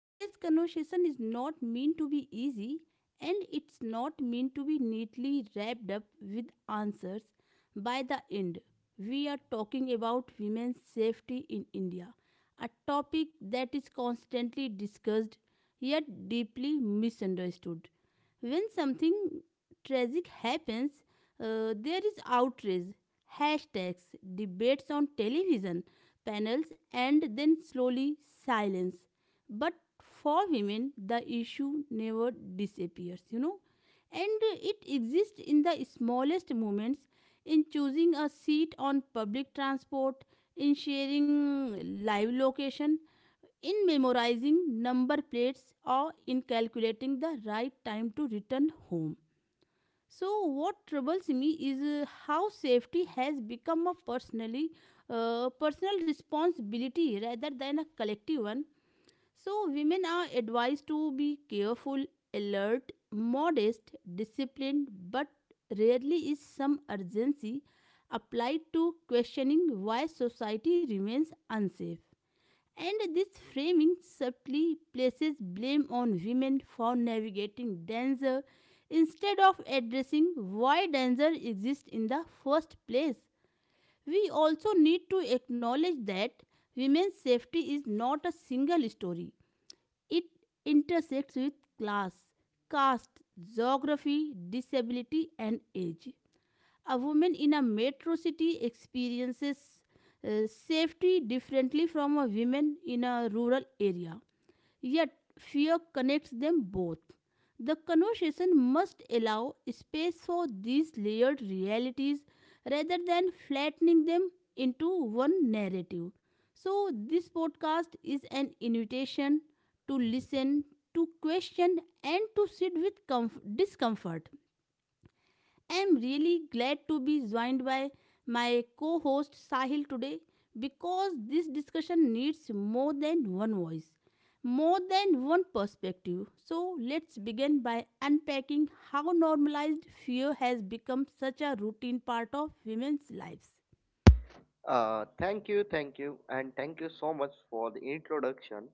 Today's conversation is not meant to be easy and it's not meant to be neatly wrapped up with answers by the end. We are talking about women's safety in India, a topic that is constantly discussed yet deeply misunderstood. When something tragic happens, there is outrage, hashtags, debates on television panels, and then slowly silence, but for women the issue never disappears. And it exists in the smallest moments, in choosing a seat on public transport, in sharing live location, in memorizing number plates, or in calculating the right time to return home. So what troubles me is how safety has become a personally personal responsibility rather than a collective one. So, women are advised to be careful, alert, modest, disciplined, but rarely is some urgency applied to questioning why society remains unsafe. And this framing subtly places blame on women for navigating danger instead of addressing why danger exists in the first place. We also need to acknowledge that women's safety is not a single story. It intersects with class, caste, geography, disability, and age. A woman in a metro city experiences safety differently from a woman in a rural area. Yet, fear connects them both. The conversation must allow space for these layered realities rather than flattening them into one narrative. So, this podcast is an invitation to listen, to question, and to sit with discomfort. I am really glad to be joined by my co host Sahil today because this discussion needs more than one voice, more than one perspective. So, let's begin by unpacking how normalized fear has become such a routine part of women's lives. Thank you, thank you, and thank you so much for the introduction.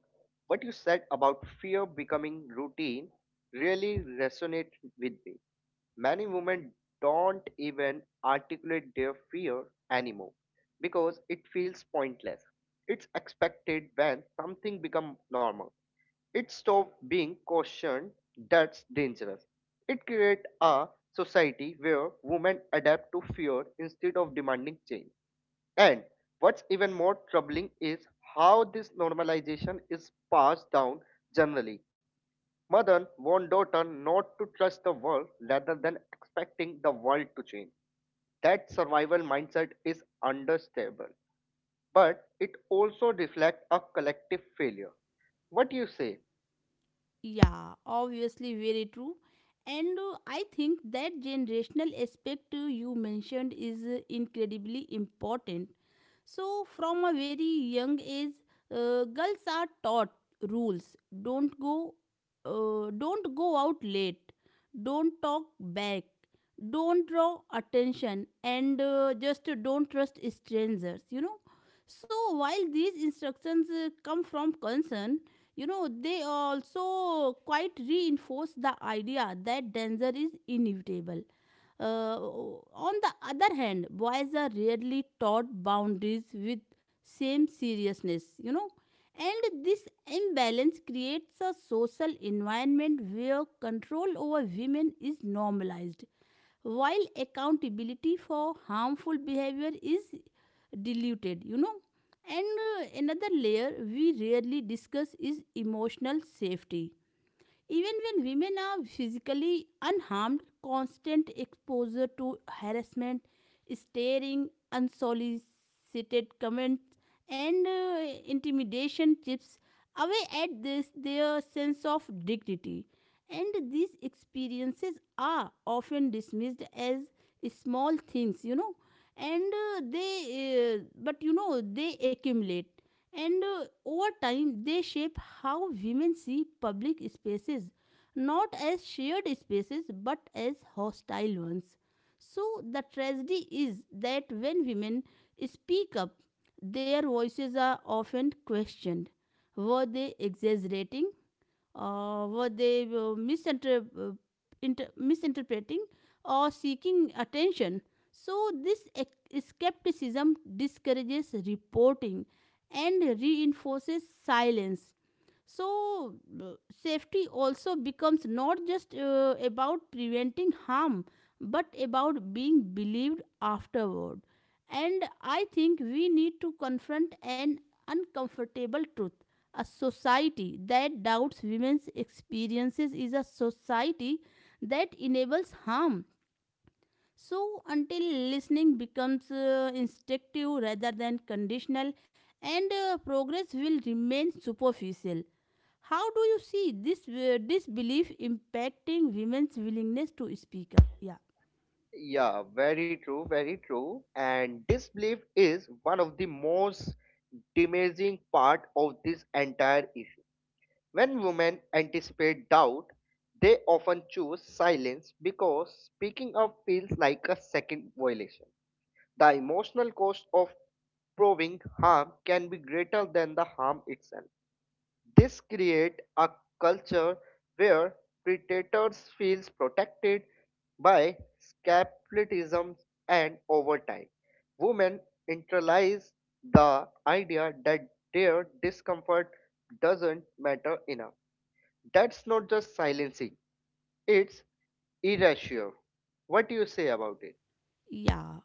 What you said about fear becoming routine really resonates with me. Many women don't even articulate their fear anymore because it feels pointless. It's expected when something becomes normal. It stops being cautioned that's dangerous. It creates a society where women adapt to fear instead of demanding change, and what's even more troubling is how this normalization is passed down generally. Mother warned daughter not to trust the world rather than expecting the world to change. That survival mindset is understandable, but it also reflects a collective failure. What do you say? Yeah, obviously, very true. And I think that generational aspect you mentioned is incredibly important. So, from a very young age, girls are taught rules. Don't go out late. Don't talk back. Don't draw attention, and just don't trust strangers. You know. So while these instructions come from concern, you know they also quite reinforce the idea that danger is inevitable uh, on the other hand, boys are rarely taught boundaries with same seriousness, you know. And this imbalance creates a social environment where control over women is normalized, while accountability for harmful behavior is diluted, you know. And another layer we rarely discuss is emotional safety. Even when women are physically unharmed, constant exposure to harassment, staring, unsolicited comment, and intimidation chips away at this their sense of dignity, and these experiences are often dismissed as small things, you know, and they but you know they accumulate, and over time they shape how women see public spaces, not as shared spaces but as hostile ones. So the tragedy is that when women speak up, their voices are often questioned. Were they exaggerating? Were they misinterpreting or seeking attention? So, this skepticism discourages reporting and reinforces silence. So uh, safety also becomes not just about preventing harm but about being believed afterward. And I think we need to confront an uncomfortable truth: a society that doubts women's experiences is a society that enables harm. So until listening becomes instinctive rather than conditional, and progress will remain superficial. How do you see this disbelief impacting women's willingness to speak up? Yeah, Yeah, very true, very true. And disbelief is one of the most damaging part of this entire issue. When women anticipate doubt, they often choose silence because speaking up feels like a second violation. The emotional cost of proving harm can be greater than the harm itself. This creates a culture where predators feel protected by capitalism and over time. Women internalize the idea that their discomfort doesn't matter enough. That's not just silencing, it's erasure. What do you say about it? yeah,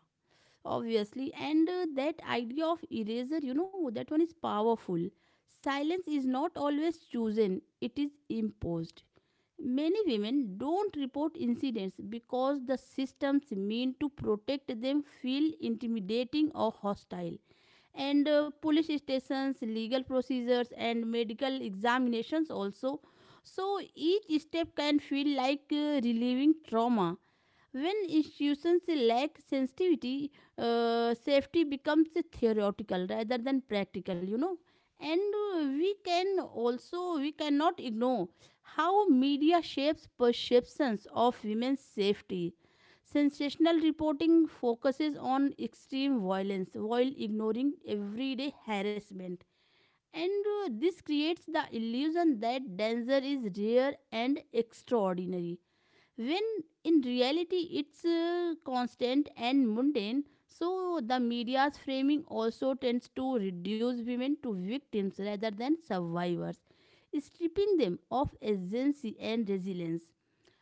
obviously. And that idea of eraser, you know, that one is powerful. Silence is not always chosen, it is imposed. Many women don't report incidents because the systems meant to protect them feel intimidating or hostile, and police stations, legal procedures, and medical examinations also. So each step can feel like relieving trauma. When institutions lack sensitivity, safety becomes theoretical rather than practical, you know. And we can also, We cannot ignore how media shapes perceptions of women's safety. Sensational reporting focuses on extreme violence while ignoring everyday harassment. And this creates the illusion that danger is rare and extraordinary when in reality it's constant and mundane. So the media's framing also tends to reduce women to victims rather than survivors, stripping them of agency and resilience.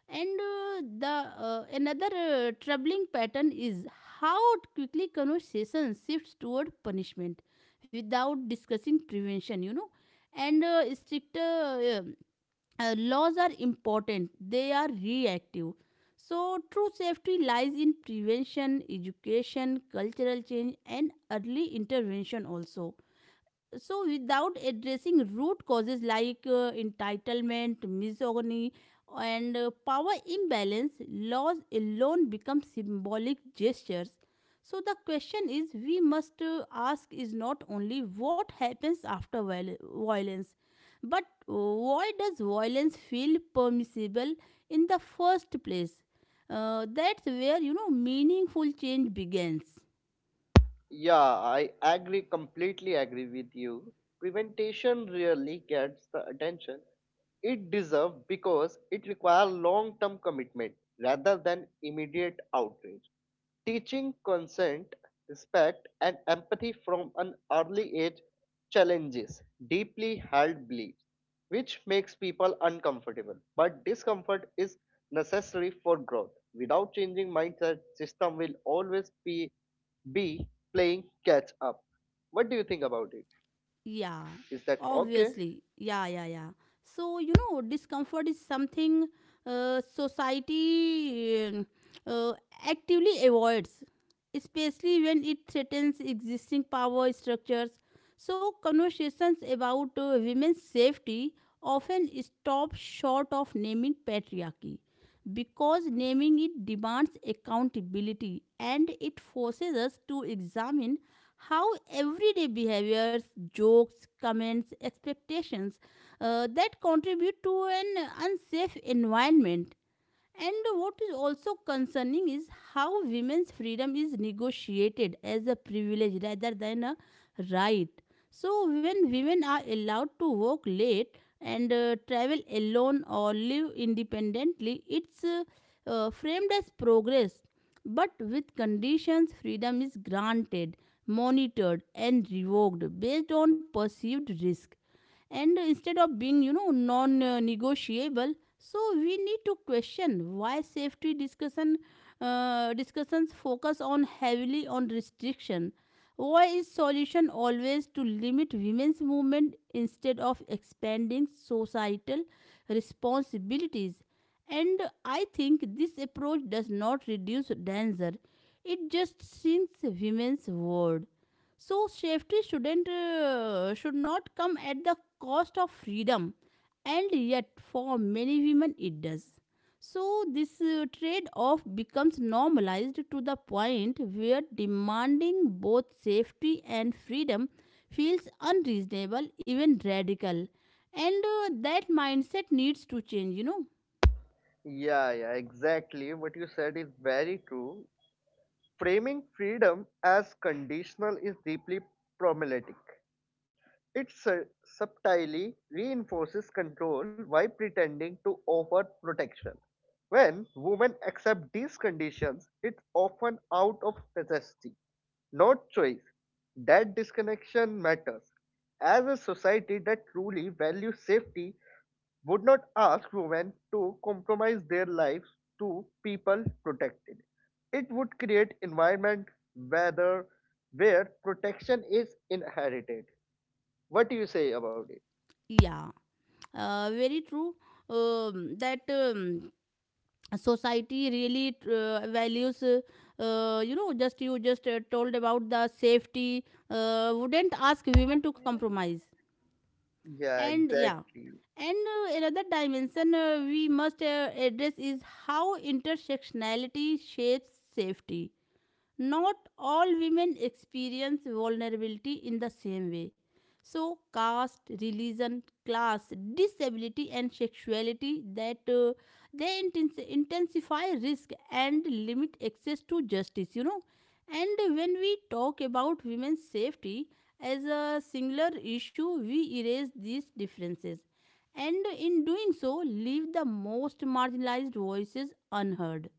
And uh, the uh, another uh, troubling pattern is how quickly conversation shifts toward punishment without discussing prevention, you know. And stricter laws are important, they are reactive. So true safety lies in prevention, education, cultural change, and early intervention also. So without addressing root causes like entitlement, misogyny, and power imbalance, laws alone become symbolic gestures. So the question is we must ask is not only what happens after violence, but why does violence feel permissible in the first place. That's where, you know, meaningful change begins. Yeah, I agree, completely agree with you. Preventation really gets the attention it deserves because it requires long term commitment rather than immediate outrage. Teaching consent, respect, and empathy from an early age challenges deeply held beliefs, which makes people uncomfortable. But discomfort is necessary for growth. Without changing mindset, system will always be B. Playing catch up. What do you think about it? Yeah, Is that okay? obviously. Yeah, yeah, yeah. So, you know, discomfort is something society uh, actively avoids, especially when it threatens existing power structures. So, conversations about women's safety often stop short of naming patriarchy because naming it demands accountability, and it forces us to examine how everyday behaviors, jokes, comments, expectations that contribute to an unsafe environment. And what is also concerning is how women's freedom is negotiated as a privilege rather than a right. So, when women are allowed to work late and travel alone or live independently, it's framed as progress. But with conditions, freedom is granted, monitored, and revoked based on perceived risk, and instead of being, you know, non negotiable. So we need to question why safety discussions focus on heavily on restriction, why is solution always to limit women's movement instead of expanding societal responsibilities. And I think this approach does not reduce danger, it just sinks women's world. So safety should not come at the cost of freedom, and yet for many women it does. So this trade-off becomes normalized to the point where demanding both safety and freedom feels unreasonable, even radical, and that mindset needs to change. You know. Yeah, yeah, exactly. What you said is very true. Framing freedom as conditional is deeply problematic. It subtly reinforces control while pretending to offer protection. When women accept these conditions, it's often out of necessity, not choice. That disconnection matters. As a society that truly values safety would not ask women to compromise their lives to people protected. It would create environment whether where protection is inherited. What do you say about it? Yeah, very true. That society really values, you know, just you just told about the safety, wouldn't ask women to compromise. Yeah, And yeah, exactly. and another dimension we must address is how intersectionality shapes safety. Not all women experience vulnerability in the same way. So, caste, religion, class, disability, and sexuality that they intensify risk and limit access to justice. You know, and when we talk about women's safety as a singular issue, we erase these differences, and in doing so, leave the most marginalized voices unheard.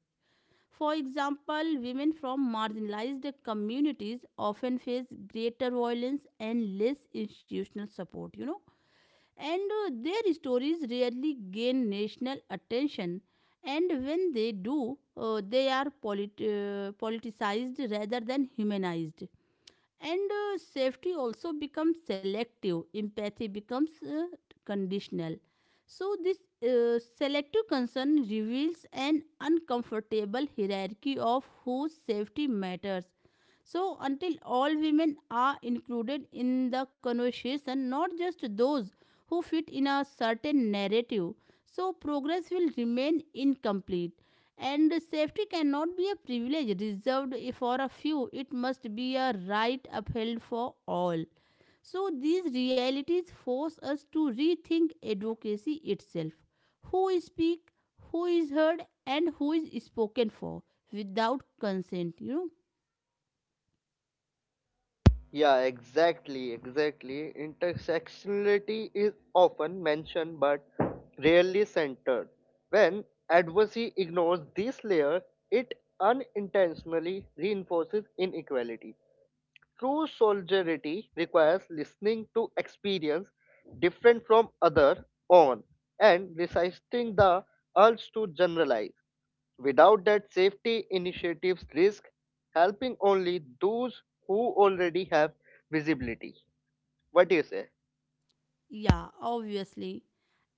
For example, women from marginalized communities often face greater violence and less institutional support, you know, and their stories rarely gain national attention. And when they do, they are politicized rather than humanized. And safety also becomes selective, empathy becomes conditional. So this selective concern reveals an uncomfortable hierarchy of whose safety matters. So, until all women are included in the conversation, not just those who fit in a certain narrative, so progress will remain incomplete. And safety cannot be a privilege reserved for a few, it must be a right upheld for all. So, these realities force us to rethink advocacy itself. Who is speak, who is heard, and who is spoken for without consent, you know. Yeah, exactly, exactly. Intersectionality is often mentioned but rarely centered. When advocacy ignores this layer, it unintentionally reinforces inequality. True solidarity requires listening to experience different from other on and resisting the urge to generalize. Without that, safety initiatives risk helping only those who already have visibility. What do you say? Yeah, obviously.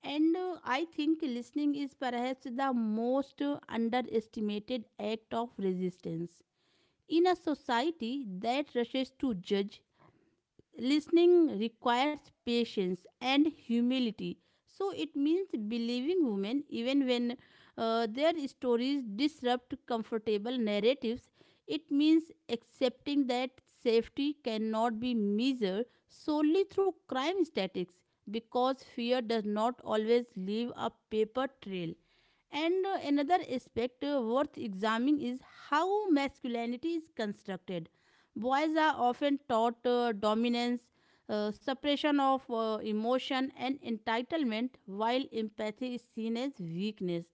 And I think listening is perhaps the most underestimated act of resistance. In a society that rushes to judge, listening requires patience and humility. So it means believing women even when their stories disrupt comfortable narratives. It means accepting that safety cannot be measured solely through crime statistics because fear does not always leave a paper trail. And another aspect worth examining is how masculinity is constructed. Boys are often taught dominance, suppression of emotion, and entitlement, while empathy is seen as weakness.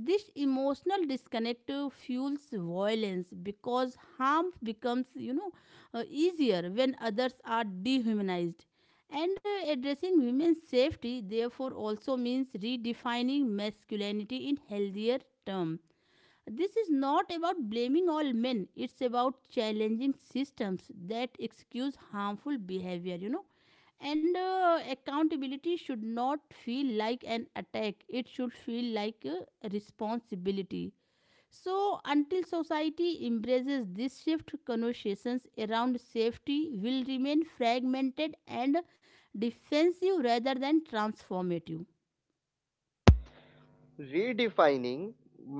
This emotional disconnect fuels violence because harm becomes, you know, easier when others are dehumanized. And addressing women's safety, therefore, also means redefining masculinity in healthier terms. This is not about blaming all men, it's about challenging systems that excuse harmful behavior, you know. And accountability should not feel like an attack, it should feel like a responsibility. So, until society embraces this shift, conversations around safety will remain fragmented and defensive rather than transformative. Redefining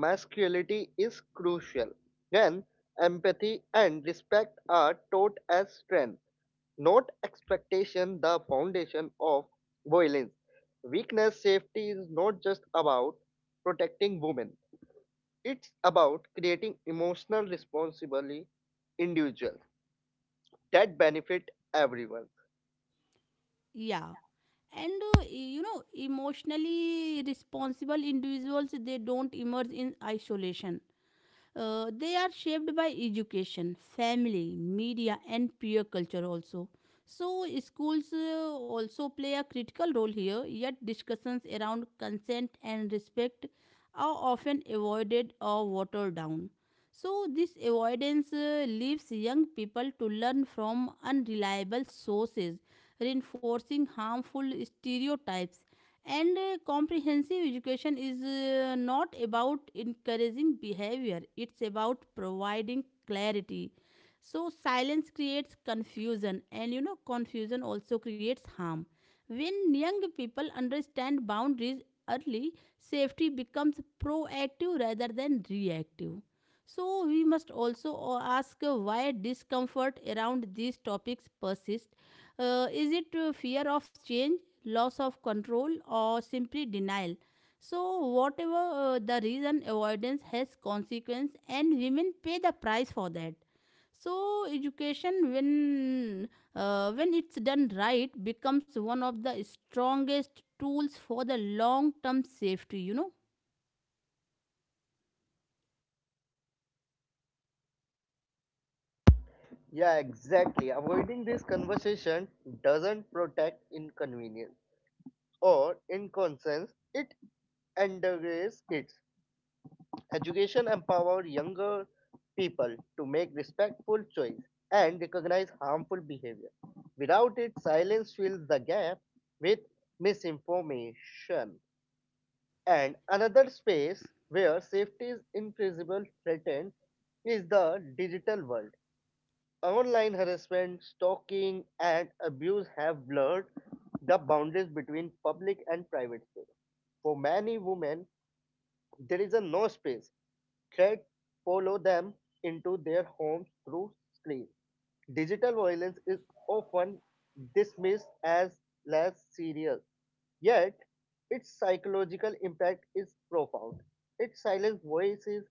masculinity is crucial when empathy and respect are taught as strength, not expectation, the foundation of violence. Weakness safety is not just about protecting women, it's about creating emotional responsibility individuals that benefit everyone. Yeah. And you know, emotionally responsible individuals they don't emerge in isolation. They are shaped by education, family, media, and peer culture also. So, schools also play a critical role here, yet, discussions around consent and respect are often avoided or watered down. So, this avoidance leaves young people to learn from unreliable sources, reinforcing harmful stereotypes. And comprehensive education is not about encouraging behavior, it's about providing clarity. So silence creates confusion, and you know, confusion also creates harm. When young people understand boundaries early, safety becomes proactive rather than reactive. So we must also ask why discomfort around these topics persists. Is it fear of change, loss of control, or simply denial? So whatever the reason, avoidance has consequence, and women pay the price for that. So education when it's done right becomes one of the strongest tools for the long term safety. Yeah, exactly. Avoiding this conversation doesn't protect inconvenience or inconscience, it undergraves kids. Education empowers younger people to make respectful choice and recognize harmful behavior. Without it, silence fills the gap with misinformation. And another space where safety is invisible threatened is the digital world. Online harassment, stalking, and abuse have blurred the boundaries between public and private space. For many women, there is a no space. Threats follow them into their homes through screens. Digital violence is often dismissed as less serious, yet its psychological impact is profound. It silences voices,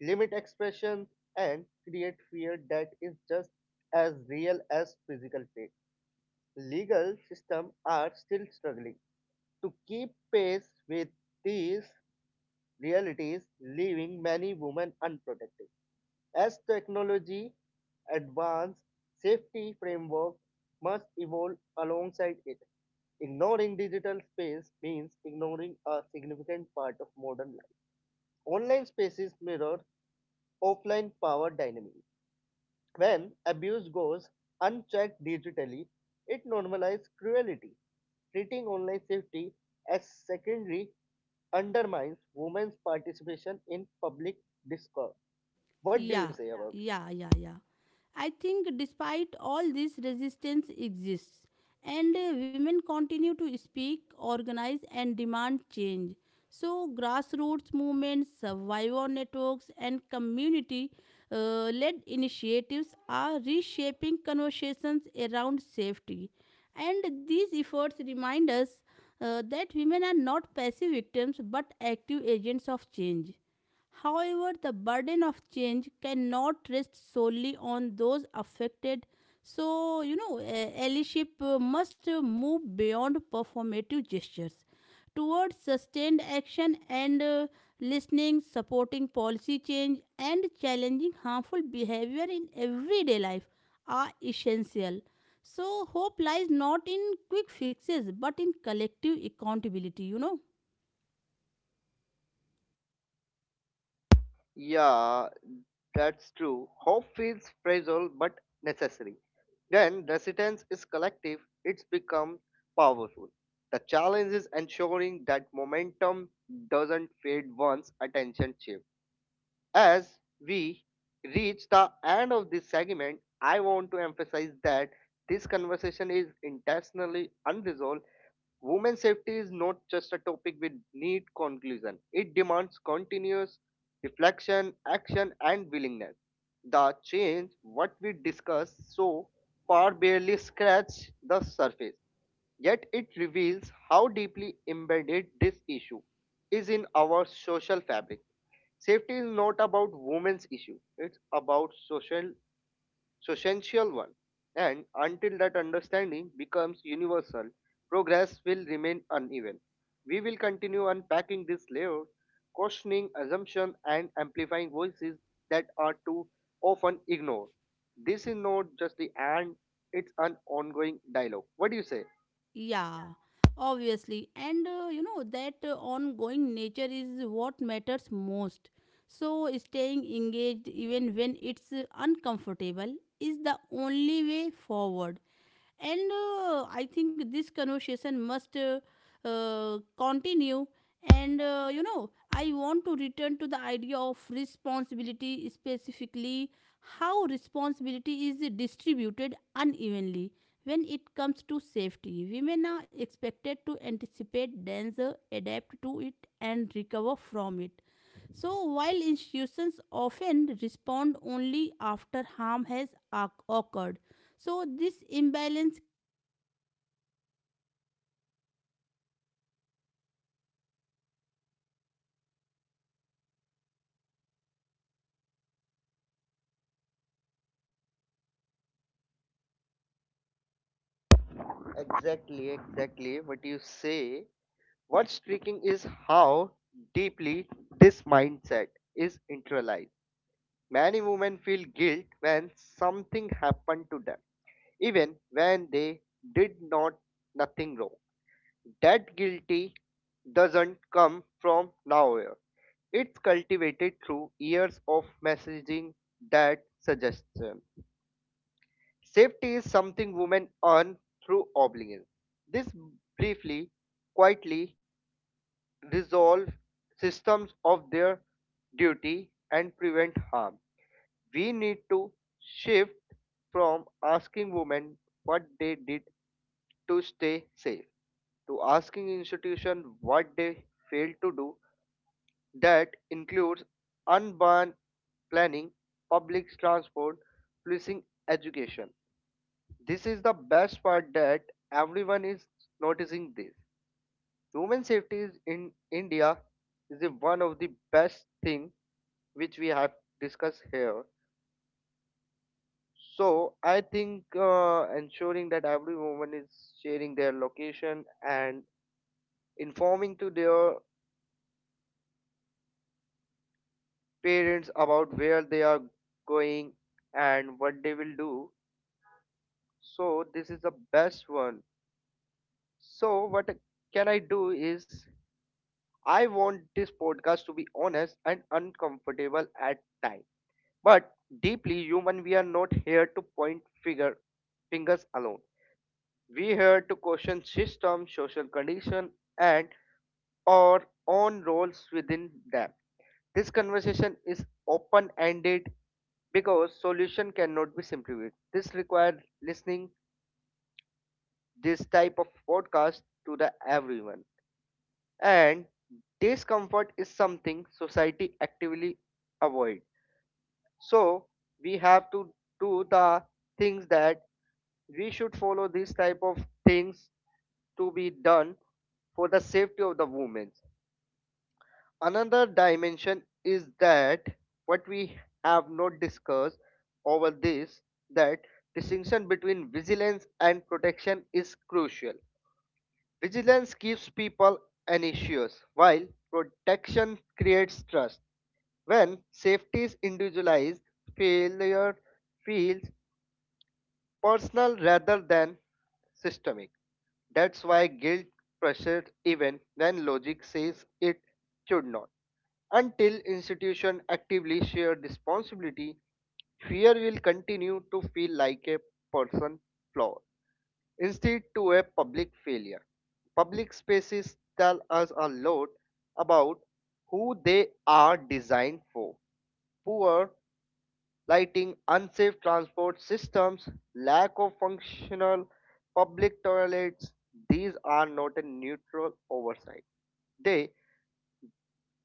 limits expression, and creates fear that is just as real as physical pain. Legal systems are still struggling to keep pace with these realities, leaving many women unprotected. As technology advances, safety frameworks must evolve alongside it. Ignoring digital space means ignoring a significant part of modern life. Online spaces mirror offline power dynamics. When abuse goes unchecked digitally, it normalizes cruelty. Treating online safety as secondary undermines women's participation in public discourse. What do you Yeah, say about it? yeah. I think despite all this resistance exists and women continue to speak, organize and demand change. So grassroots movements, survivor networks and community led initiatives are reshaping conversations around safety. And these efforts remind us that women are not passive victims but active agents of change. However, the burden of change cannot rest solely on those affected. So, allyship must move beyond performative gestures towards sustained action and listening, supporting policy change, and challenging harmful behavior in everyday life are essential. So, hope lies not in quick fixes but in collective accountability. Yeah, that's true. Hope feels fragile but necessary. When resistance is collective, it's become powerful. The challenge is ensuring that momentum doesn't fade once attention shifts. As we reach the end of this segment, I want to emphasize that this conversation is intentionally unresolved. Women's safety is not just a topic with neat conclusion. It demands continuous reflection, action, and willingness. The change, what we discuss so far, barely scratch the surface. Yet it reveals how deeply embedded this issue is in our social fabric. Safety is not about women's issue; it's about social so essential one. And until that understanding becomes universal, progress will remain uneven. We will continue unpacking this layer, questioning assumptions and amplifying voices that are too often ignored. This is not just the end, it's an ongoing dialogue. What do you say? Yeah, obviously. And you know that ongoing nature is what matters most. So, staying engaged even when it's uncomfortable is the only way forward. And I think this conversation must continue. And you know, I want to return to the idea of responsibility, specifically how responsibility is distributed unevenly. When it comes to safety, women are expected to anticipate danger, adapt to it, and recover from it. So, while institutions often respond only after harm has occurred, so this imbalance creates a dangerous illusion that safety is achievable through personal vigilance alone. But vigilance is not protection, it is a survival, and a society that asks half its population to survive rather Exactly, than live exactly what freely you is failing say. at a What's fundamental striking level, is you know. how deeply this mindset is internalized. Many women feel guilt when something happened to them, even when they did not nothing wrong. That guilty doesn't come from nowhere. It's cultivated through years of messaging that suggestion. Safety is something women earn through obligation. This briefly, quietly resolve systems of their duty and prevent harm. We need to shift from asking women what they did to stay safe to asking institutions what they failed to do. That includes urban planning, public transport, policing, education. This is the best part that everyone is noticing this. Human safety is in India, is the one of the best thing which we have discussed here. So I think ensuring that every woman is sharing their location and informing to their parents about where they are going and what they will do. So this is the best one. So what can I do is I want this podcast to be honest and uncomfortable at times, but deeply human. We are not here to point figure fingers alone. We here to question system, social condition, and our own roles within them. This conversation is open-ended because solution cannot be simplified. This requires listening this type of podcast to the everyone. And discomfort is something society actively avoid, so we have to do the things that we should follow. This type of things to be done for the safety of the women. Another dimension is that what we have not discussed over this, that distinction between vigilance and protection is crucial. Vigilance keeps people anxious, while protection creates trust. When safety is individualized, failure feels personal rather than systemic. That's why guilt pressures even when logic says it should not. Until institutions actively share responsibility, fear will continue to feel like a person flaw instead to a public failure. Public spaces tell us a lot about who they are designed for. Poor lighting, unsafe transport systems, lack of functional public toilets, these are not a neutral oversight. They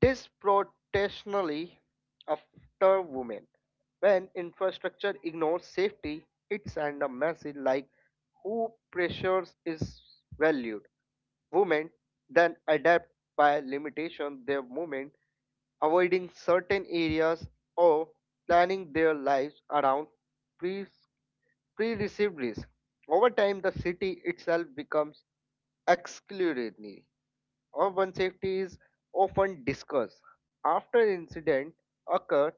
disproportionately after women. When infrastructure ignores safety, it sends a message like who pressures is valued. Women then adapt by limitation their movement, avoiding certain areas or planning their lives around pre-received risk. Over time, the city itself becomes exclusionary. Urban safety is often discussed. After incident occur,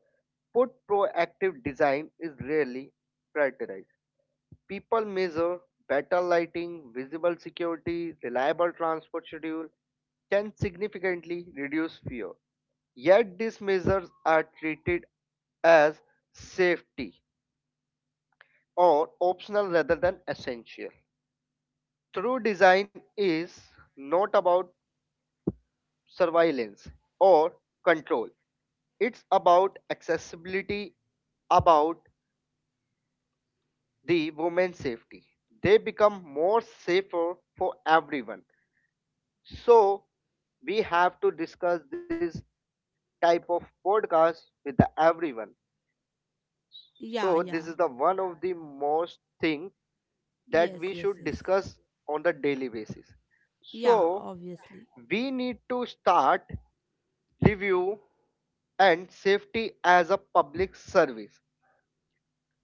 put proactive design is rarely prioritized. People measure better lighting, visible security, reliable transport schedule can significantly reduce fear. Yet these measures are treated as safety or optional rather than essential. True design is not about surveillance or control, it's about accessibility, about the women's safety. They become more safer for everyone. So, we have to discuss this type of podcast with the everyone. So, Yeah, this is yeah. the one of the most thing that Yes, we yes, should yes. discuss on the daily basis. Yeah, So, obviously. we need to start review and safety as a public service,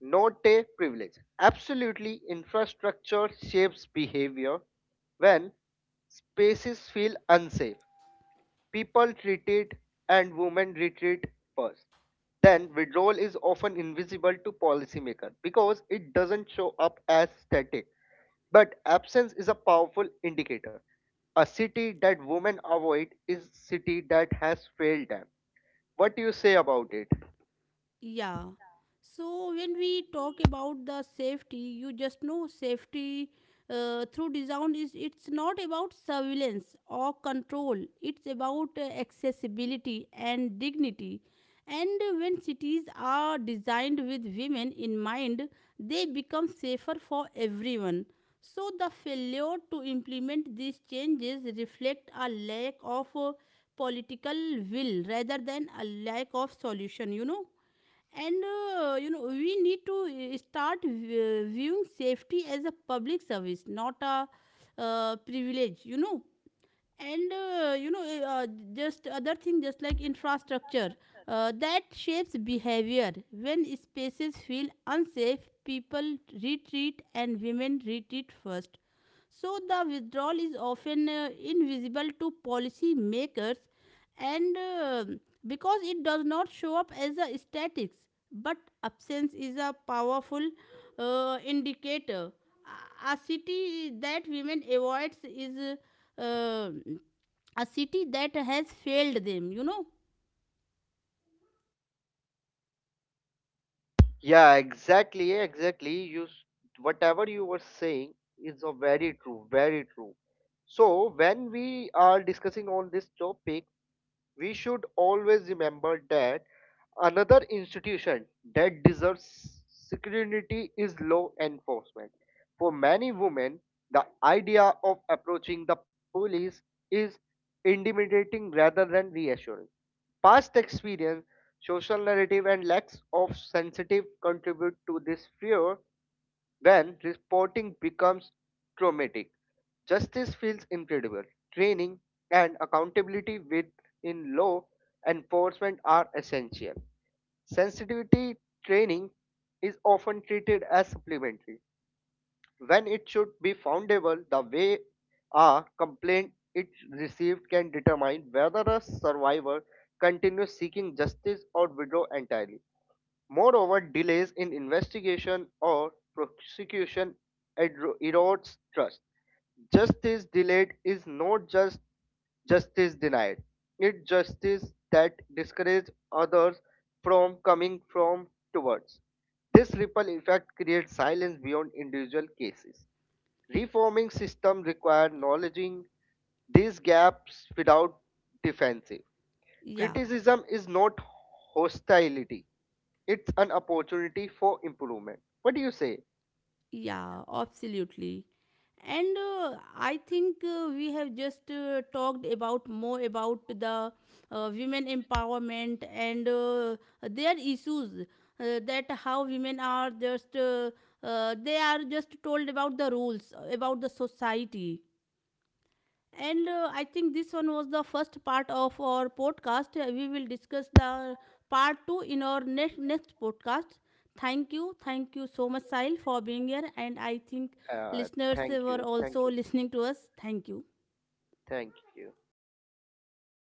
not a privilege. Absolutely, infrastructure shapes behavior when spaces feel unsafe. People retreat and women retreat first. Then withdrawal is often invisible to policymakers because it doesn't show up as static. But absence is a powerful indicator. A city that women avoid is city that has failed them. What do you say about it? Yeah. So when we talk about the safety, you just know safety through design is it's not about surveillance or control. It's about accessibility and dignity. And when cities are designed with women in mind, they become safer for everyone. So the failure to implement these changes reflect a lack of political will rather than a lack of solution. You know and you know we need to start viewing safety as a public service, not a privilege, you know. And you know just other thing, just like infrastructure that shapes behavior: when spaces feel unsafe people retreat and women retreat first. So the withdrawal is often invisible to policy makers, and because it does not show up as a statics. But absence is a powerful indicator. A city that women avoids is uh, a city that has failed them, you know. Yeah, exactly, exactly. Whatever you were saying is a very true, very true. So when we are discussing on this topic, we should always remember that another institution that deserves scrutiny is law enforcement. For many women, the idea of approaching the police is intimidating rather than reassuring. Past experience, social narrative, and lacks of sensitive contribute to this fear. When reporting becomes traumatic, justice feels incredible. Training and accountability within law enforcement are essential. Sensitivity training is often treated as supplementary when it should be foundable. The way a complaint it received can determine whether a survivor continues seeking justice or withdraw entirely. Moreover, delays in investigation or prosecution erodes trust. Justice delayed is not just justice denied. It's justice that discourages others from coming from towards. This ripple effect creates silence beyond individual cases. Reforming system require acknowledging these gaps without defensive. Yeah. Criticism is not hostility, it's an opportunity for improvement. What do you say? Yeah, absolutely. And I think we have just talked about more about the women empowerment and their issues. That how women are just they are just told about the rules about the society, and I think this one was the first part of our podcast. We will discuss the part two in our next podcast. Thank you so much, Sahil, for being here. And I think Uh, listeners Thank were you, thank also you, listening to us. Thank you. thank you.